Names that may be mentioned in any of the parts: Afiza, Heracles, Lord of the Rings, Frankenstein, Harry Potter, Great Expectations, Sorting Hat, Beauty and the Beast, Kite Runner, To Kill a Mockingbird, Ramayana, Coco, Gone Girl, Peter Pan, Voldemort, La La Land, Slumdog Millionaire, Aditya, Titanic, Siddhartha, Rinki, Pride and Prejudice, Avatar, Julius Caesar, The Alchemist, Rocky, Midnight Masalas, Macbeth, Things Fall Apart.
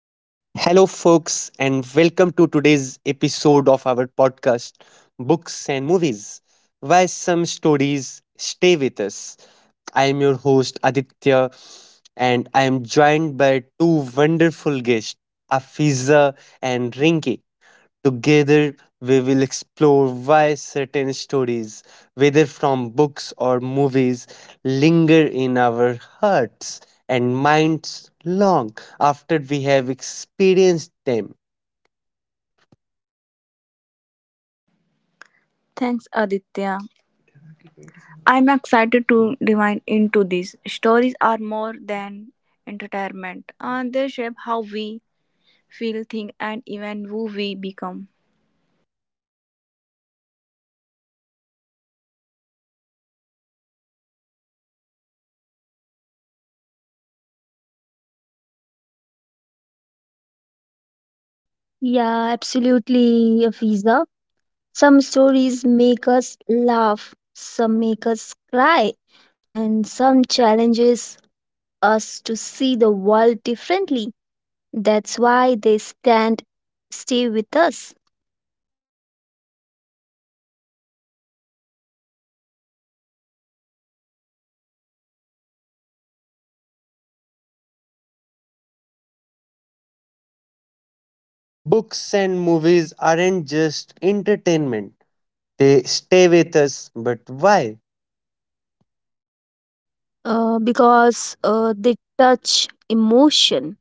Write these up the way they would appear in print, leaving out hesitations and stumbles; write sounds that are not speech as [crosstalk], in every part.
and welcome to today's episode of our podcast, Books and Movies: Why Some Stories Stay With Us. I am your host, Aditya, and I am joined by two wonderful guests, Afiza and Rinki. Together, we will explore why certain stories, whether from books or movies, linger in our hearts and minds long after we have experienced them. Thanks, Aditya. I'm excited to dive into this. Stories are more than entertainment, and they shape how we feel, think, and even who we become. Yeah, absolutely, Afiza. Some stories make us laugh, some make us cry, and some challenges us to see the world differently. That's why they stand, stay with us, Books and movies aren't just entertainment, they stay with us. But why? Because they touch emotion.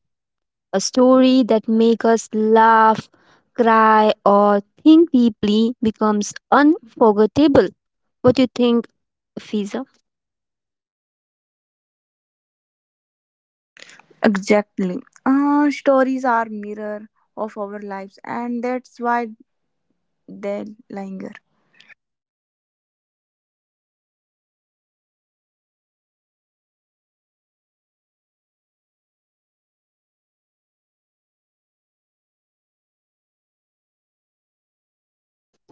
A story that makes us laugh, cry, or think deeply becomes unforgettable. What do you think, Afiza? Exactly. Stories are mirror of our lives, and that's why they linger.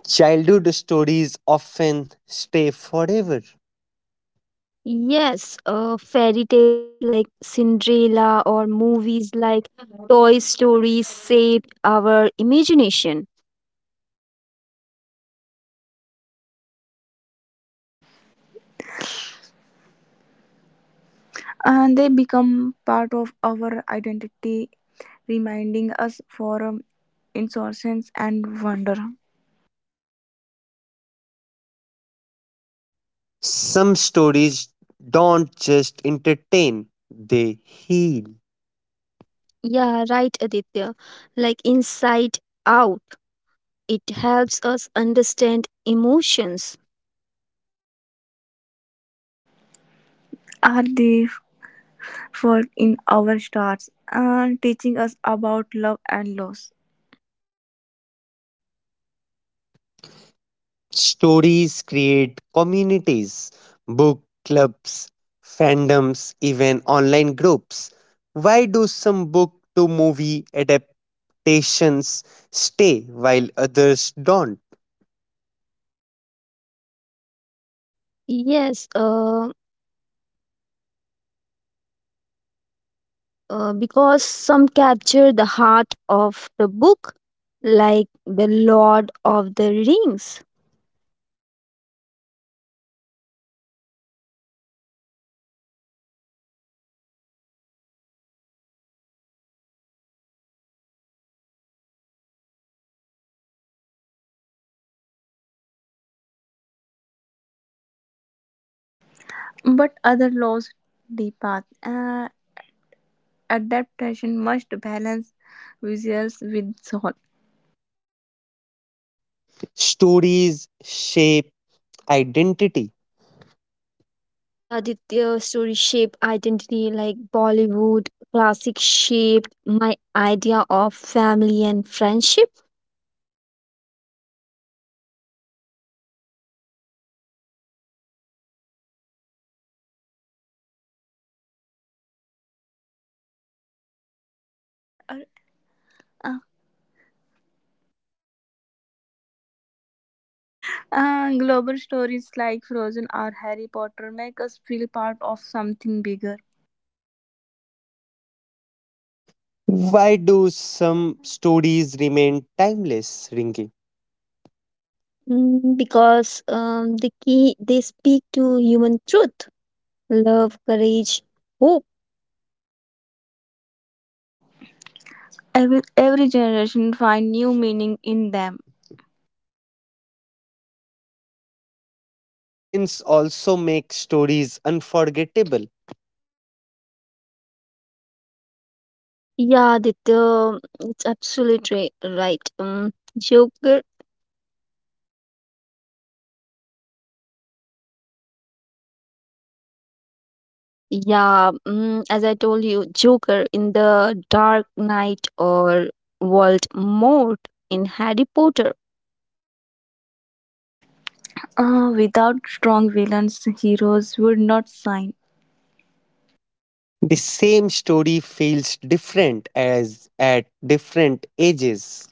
Childhood stories often stay forever. Yes, fairy tales like Cinderella or movies like Toy Story saved our imagination. And they become part of our identity, reminding us for innocence and wonder. Some stories don't just entertain, they heal. Yeah, right, Aditya. Like Inside Out, it helps us understand emotions. Are they world in our stars and teaching us about love and loss. Stories create communities, book clubs, fandoms, even online groups. Why do some book to movie adaptations stay while others don't? Yes, because some capture the heart of the book, like The Lord of the Rings. But other laws, the path, adaptation must balance visuals with soul. Stories shape identity. Yeah, did their story shape identity like Bollywood classic shaped my idea of family and friendship? Uh, Global stories like Frozen or Harry Potter make us feel part of something bigger. Why do some stories remain timeless, Rinki? Because the key they speak to human truth, love, courage, hope. Every generation find new meaning in them. Villains also make stories unforgettable. Yeah, that it's absolutely right. Joker. Yeah, as I told you, Joker in the Dark Knight or Voldemort in Harry Potter. Without strong villains, heroes would not shine. The same story feels different as at different ages.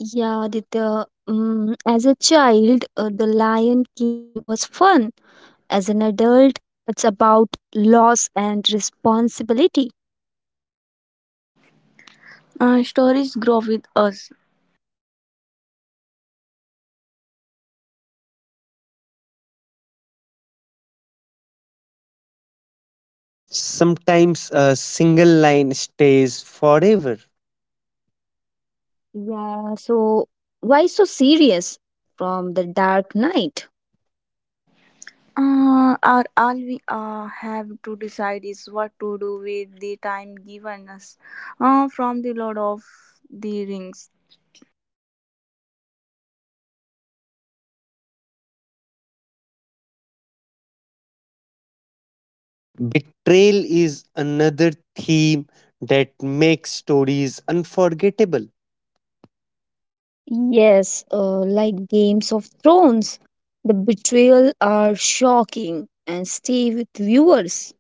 Yeah, Aditya, as a child, The Lion King was fun. As an adult, it's about loss and responsibility. Stories grow with us. Sometimes a single line stays forever. Yeah, so why so serious from The Dark Knight? Or all we have to decide is what to do with the time given us from the Lord of the Rings. Betrayal is another theme that makes stories unforgettable. Yes, like Games of Thrones, the betrayal are shocking and stay with viewers.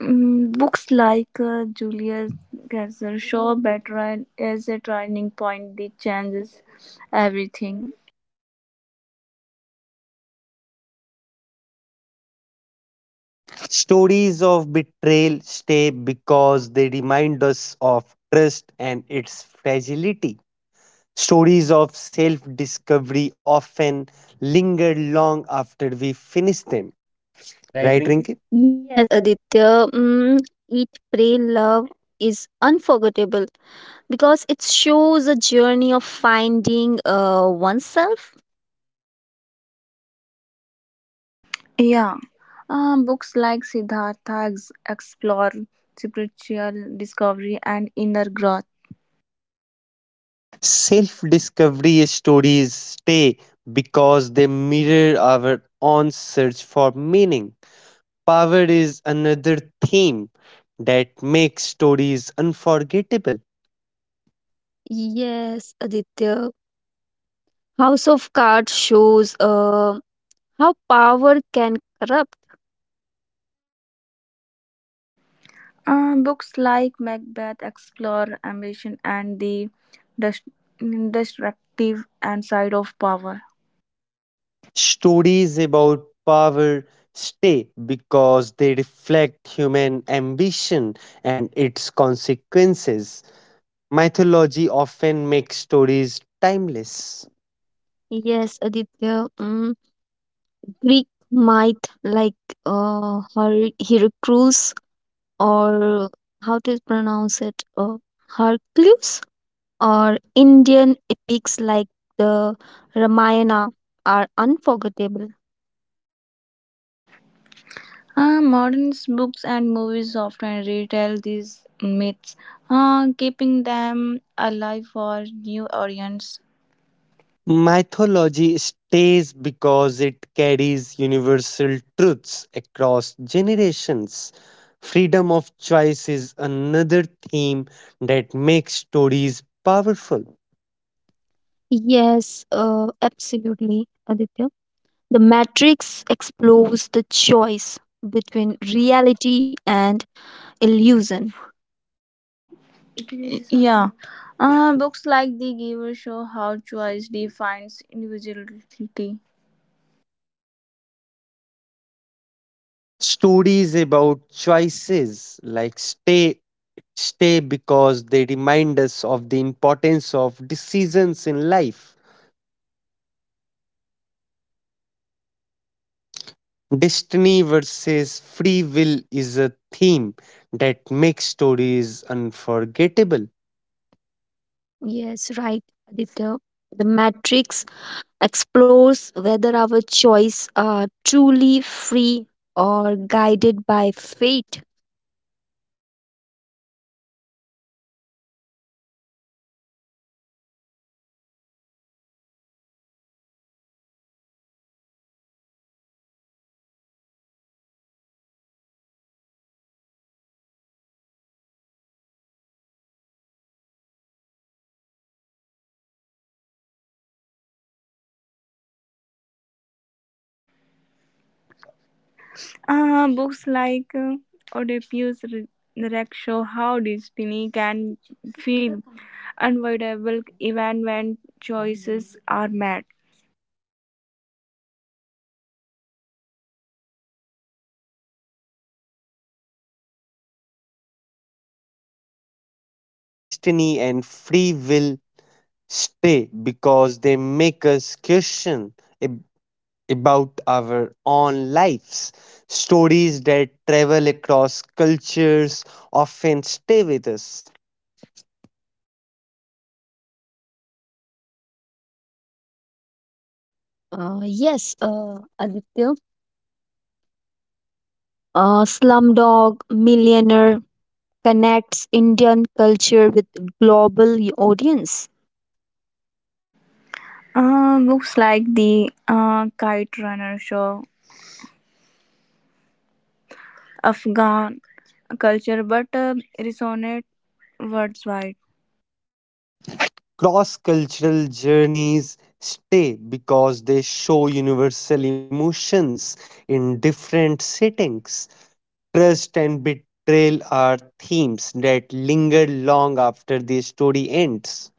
Books like Julius Caesar show better and as a turning point that changes everything. Stories of betrayal stay because they remind us of trust and its fragility. Stories of self discovery often linger long after we finish them. Right, Rinki? Yes, Aditya, Eat, Pray, Love is unforgettable because it shows a journey of finding oneself. Yeah, books like Siddhartha explore spiritual discovery and inner growth. Self discovery stories stay because they mirror our own search for meaning. Power is another theme that makes stories unforgettable. Yes, Aditya, House of Cards shows how power can corrupt. Books like Macbeth explore ambition and the dest- destructive and side of power. Stories about power stay because they reflect human ambition and its consequences. Mythology often makes stories timeless. Yes, Aditya, Greek might like Heracles or how to pronounce it, Hercules, or Indian epics like the Ramayana are unforgettable. Modern books and movies often retell these myths, keeping them alive for new audience. Mythology stays because it carries universal truths across generations. Freedom of choice is another theme that makes stories powerful. Yes, absolutely, Aditya. The Matrix explores the choice between reality and illusion. Yeah, books like The Giver show how choice defines individuality. Stories about choices like stay because they remind us of the importance of decisions in life. Destiny versus free will is a theme that makes stories unforgettable. Yes, right, Aditya. The Matrix explores whether our choice are truly free or guided by fate. Books like Oedipus Rex show how destiny can feel unavoidable even when choices are made. Stories about destiny and free will stay because they make us question ab- about our own lives. Stories that travel across cultures often stay with us. Yes, Aditya. Slumdog Millionaire connects Indian culture with global audience. Books like the Kite Runner Show, Afghan Culture, but resonate worldwide. Cross cultural journeys stay because they show universal emotions in different settings. Trust and betrayal are themes that linger long after the story ends.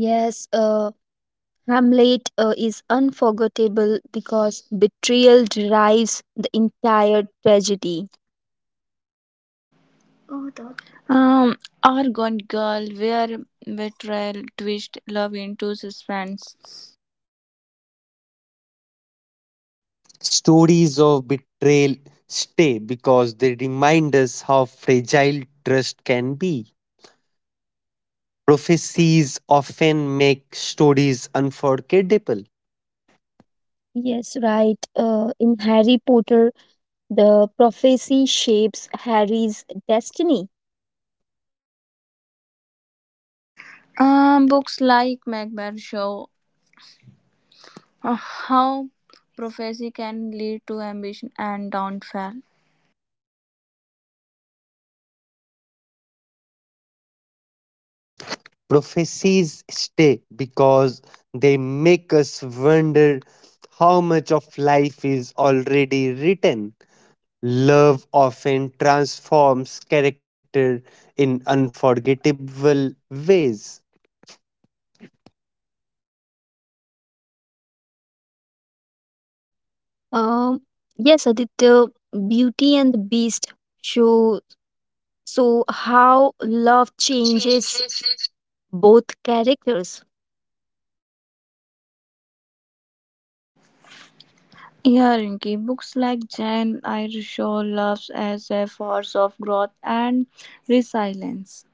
Yes, Hamlet is unforgettable because betrayal drives the entire tragedy. Um, or Gone Girl, where betrayal twist love into suspense. Stories of betrayal stay because they remind us how fragile trust can be. Prophecies often make stories unforgettable. Yes, right. In Harry Potter, the prophecy shapes Harry's destiny. Books like Macbeth show how prophecy can lead to ambition and downfall. Prophecies stay because they make us wonder how much of life is already written. Love often transforms character in unforgettable ways. Um, yes, Aditya, Beauty and the Beast show so how love changes both characters. Yeah, Rinky, books like Jan Irishaw Loves as a Force of Growth and Resilience.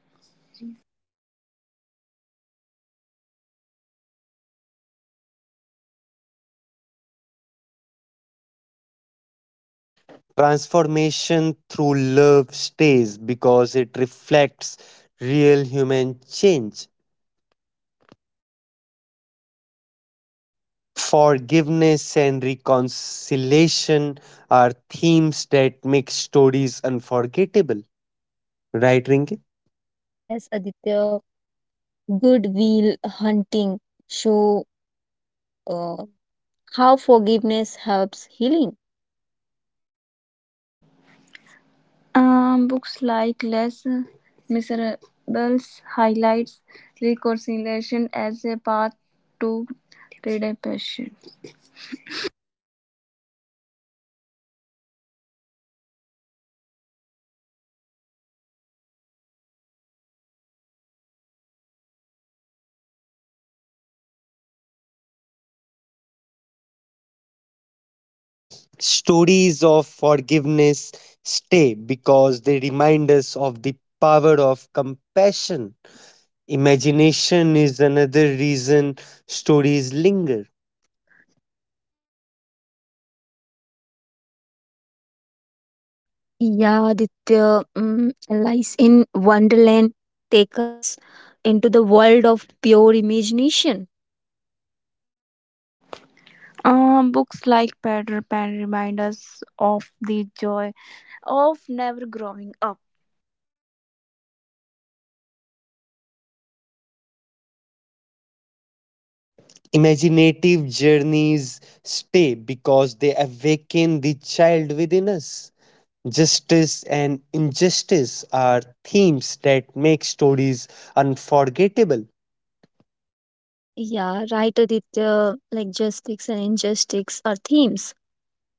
Transformation through love stays because it reflects real human change. Forgiveness and reconciliation are themes that make stories unforgettable, right, Rinki? Yes, Aditya. Good will Hunting show uh, how forgiveness helps healing. Books like Less Miserables highlights reconciliation as a path to redemption. Stories of forgiveness stay because they remind us of the power of compassion. Imagination is another reason stories linger. Yeah, Aditya, Alice in Wonderland take us into the world of pure imagination. Books like Peter Pan remind us of the joy of never growing up. Imaginative journeys stay because they awaken the child within us. Justice and injustice are themes that make stories unforgettable. Yeah, right, Aditya. Like justice and injustice are themes.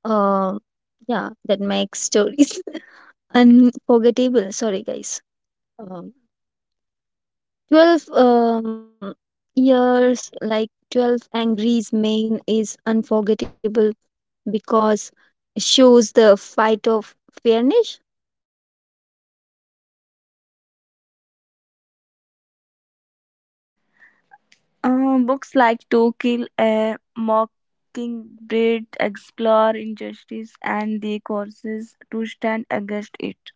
Uh, yeah, that makes stories [laughs] unforgettable. Sorry, guys. Um, 12 years, like 12 Angry's main is unforgettable because shows the fight of fairness. Books like To Kill a Mockingbird explore injustice and the courses to stand against it.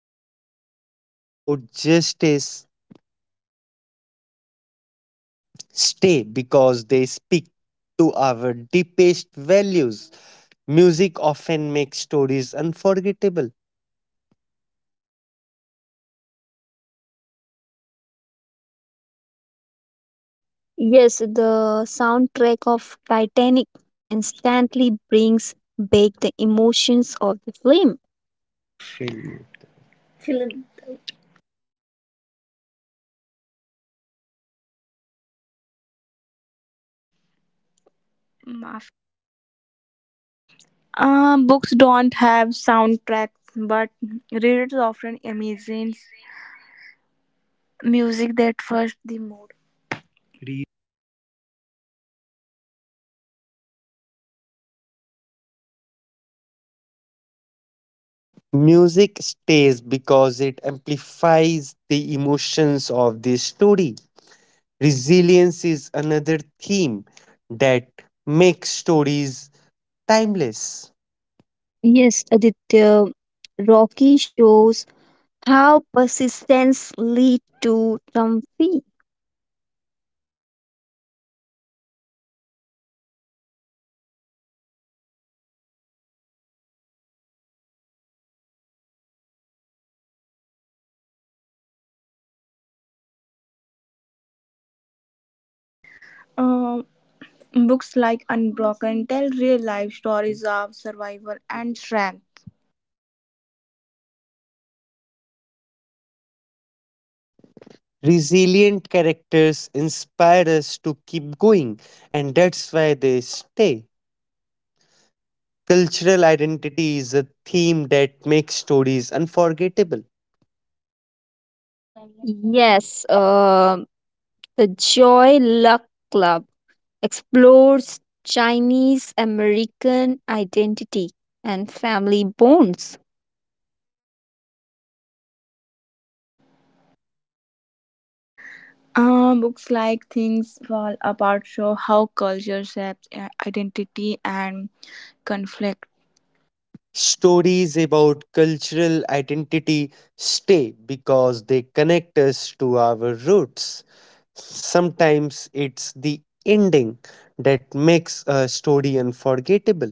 से हो जाता है। Stories about justice stay because they speak to our deepest values. Music often makes stories unforgettable. Yes, the soundtrack of Titanic instantly brings back the emotions of the film. Shame. Maaf. Books don't have soundtracks, but readers often imagine music that first the mood. Music stays because it amplifies the emotions of the story. Resilience is another theme that makes stories timeless. Yes, Aditya, Rocky shows how persistence lead to triumph. Uh, Books like Unbroken tell real life stories of survival and strength. Resilient characters inspire us to keep going, and that's why they stay. Cultural identity is a theme that makes stories unforgettable. Yes, the Joy Luck Club explores Chinese American identity and family bonds. Books like Things Fall Apart show how culture shapes identity and conflict. Stories about cultural identity stay because they connect us to our roots. Sometimes it's the ending that makes a story unforgettable.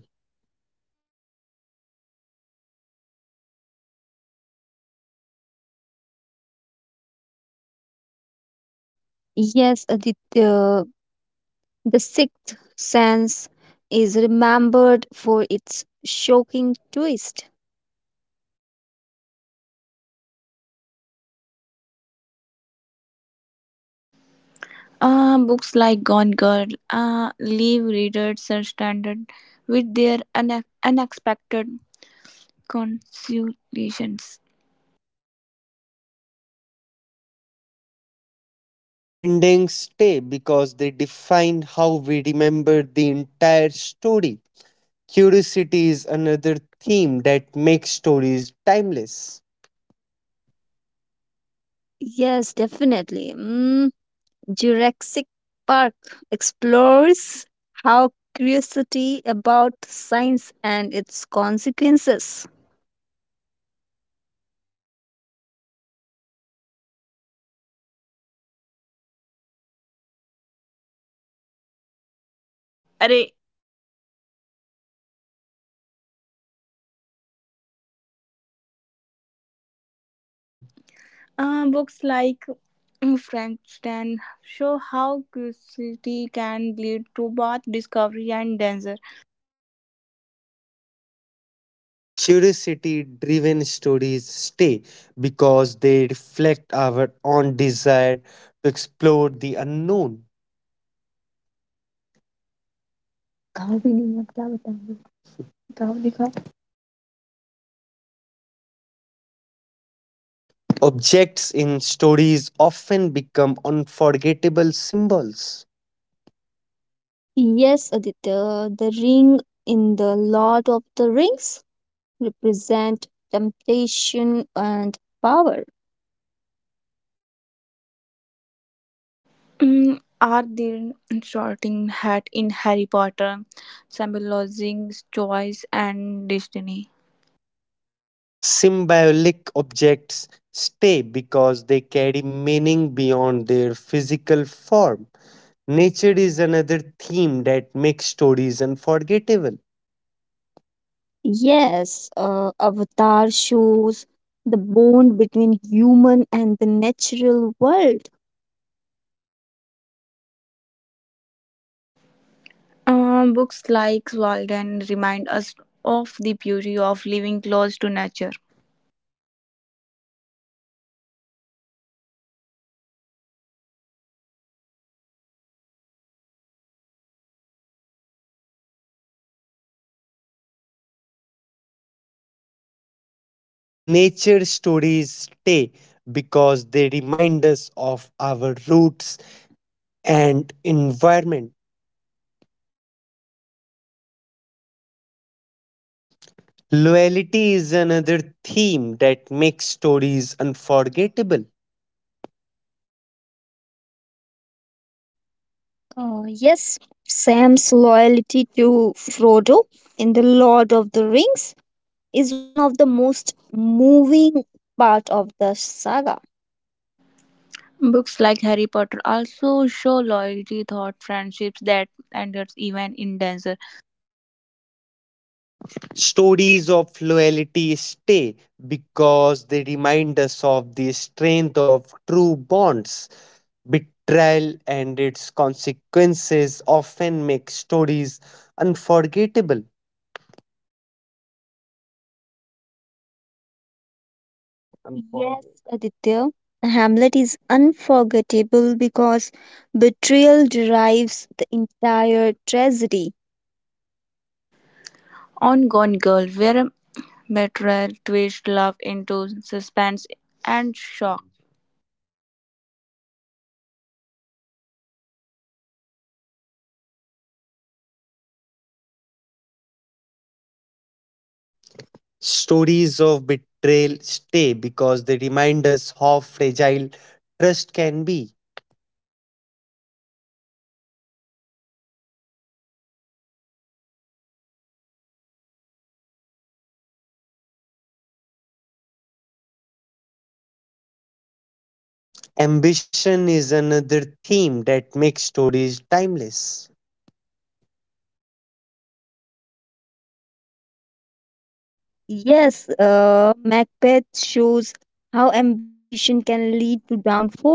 Yes, the sixth sense is remembered for its shocking twist. Books like Gone Girl leave readers stranded with their unexpected consolations. Endings stay because they define how we remember the entire story. Curiosity is another theme that makes stories timeless. Yes, definitely. Jurassic Park explores how curiosity about science and its consequences. Array. Books like Frankenstein show how curiosity can lead to both discovery and danger. Curiosity driven stories stay because they reflect our own desire to explore the unknown. गाँव भी नहीं है क्या बताएंगे, गाँव दिखा. Objects in stories often become unforgettable symbols. Yes, Aditya, the ring in the Lord of the Rings represent temptation and power. Mm, are the Sorting Hat in Harry Potter, symbolizing choice and destiny. Symbolic objects stay because they carry meaning beyond their physical form. Nature is another theme that makes stories unforgettable. Yes, Avatar shows the bond between human and the natural world. Books like Walden remind us of the beauty of living close to nature. Nature stories stay because they remind us of our roots and environment. Loyalty is another theme that makes stories unforgettable. Yes, Sam's loyalty to Frodo in the Lord of the Rings is one of the most moving part of the saga. Books like Harry Potter also show loyalty, thought, friendships that endures even in danger. Stories of loyalty stay because they remind us of the strength of true bonds. Betrayal and its consequences often make stories unforgettable. Yes, Aditya, Hamlet is unforgettable because betrayal derives the entire tragedy. On Gone Girl, where betrayal twists love into suspense and shock. Stories of betrayal stay because they remind us how fragile trust can be. Ambition is another theme that makes stories timeless. Yes, Macbeth shows how ambition can lead to downfall.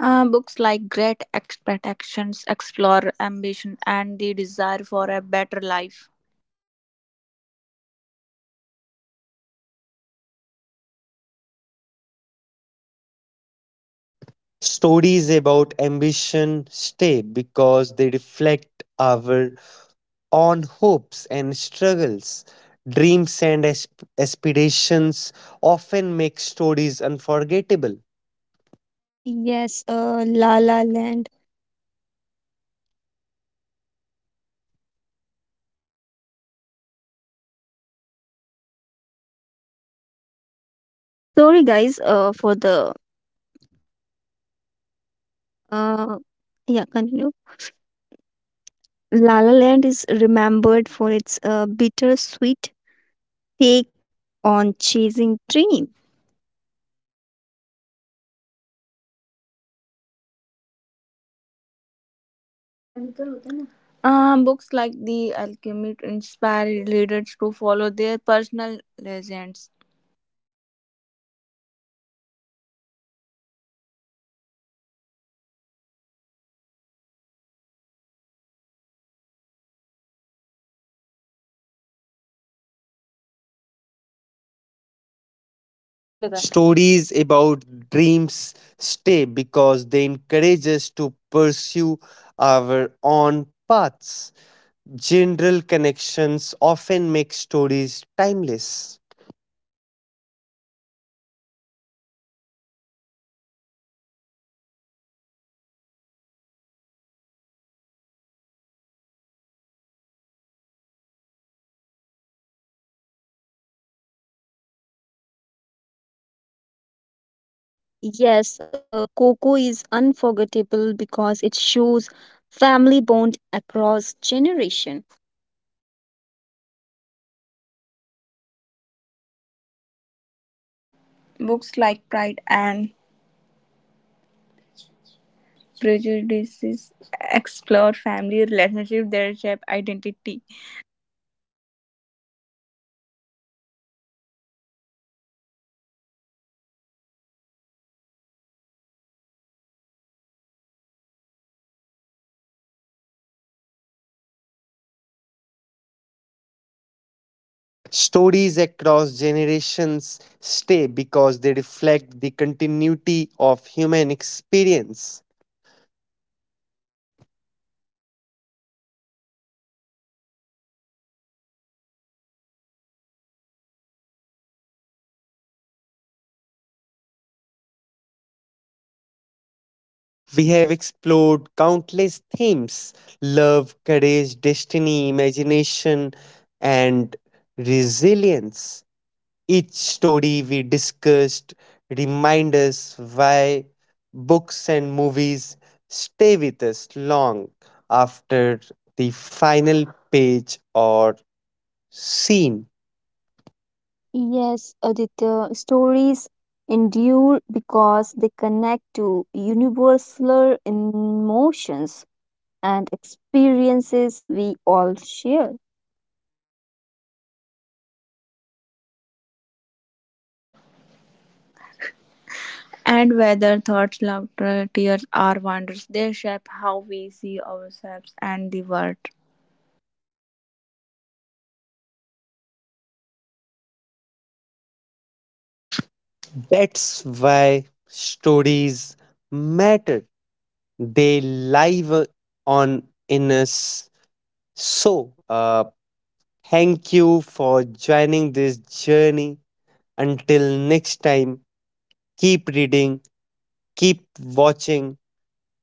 Books like Great Expectations explore ambition and the desire for a better life. Stories about ambition stay because they reflect our own hopes and struggles. Dreams and aspirations often make stories unforgettable. Yes, La La Land. Sorry, guys, for the uh, yeah, continue. La La Land is remembered for its bittersweet take on chasing dreams. Books like The Alchemist inspire readers to follow their personal legends. सही लगा। Stories about dreams stay because they encourage us to pursue our own paths. General connections often make stories timeless. Yes, Coco is unforgettable because it shows family bond across generation. Books like Pride and Prejudice explore family relationships, their shape identity, Stories across generations stay because they reflect the continuity of human experience. We have explored countless themes: love, courage, destiny, imagination, and resilience. Each story we discussed reminds us why books and movies stay with us long after the final page or scene. Yes, Aditya, stories endure because they connect to universal emotions and experiences we all share. and whether thoughts, laughter, tears, or wonders they shape how we see ourselves and the world. That's why stories matter. They live on in us. So, thank you for joining this journey. Until next time, keep reading, keep watching,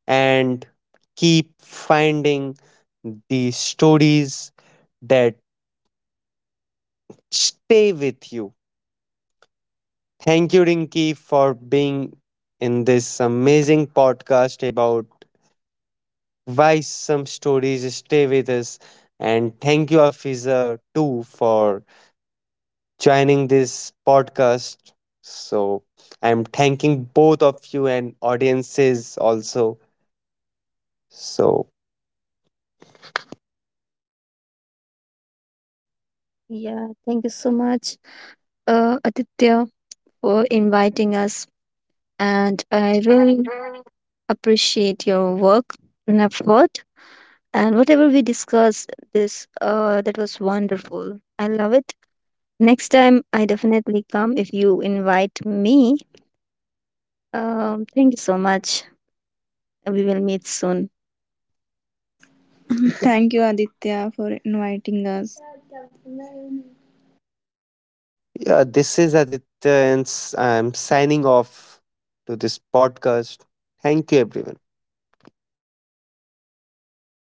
and keep finding the stories that stay with you. Thank you, Rinki, for being in this amazing podcast about why some stories stay with us. And thank you, Afiza, too, for joining this podcast. So I'm thanking both of you and audiences also. So Yeah, thank you so much, Aditya, for inviting us, and I really appreciate your work and effort. And whatever we discussed, this that was wonderful. I love it. Next time, I definitely come if you invite me. Thank you so much. We will meet soon. Thank you, Aditya, for inviting us. yeah, this is Aditya, and I'm signing off to this podcast. Thank you, everyone.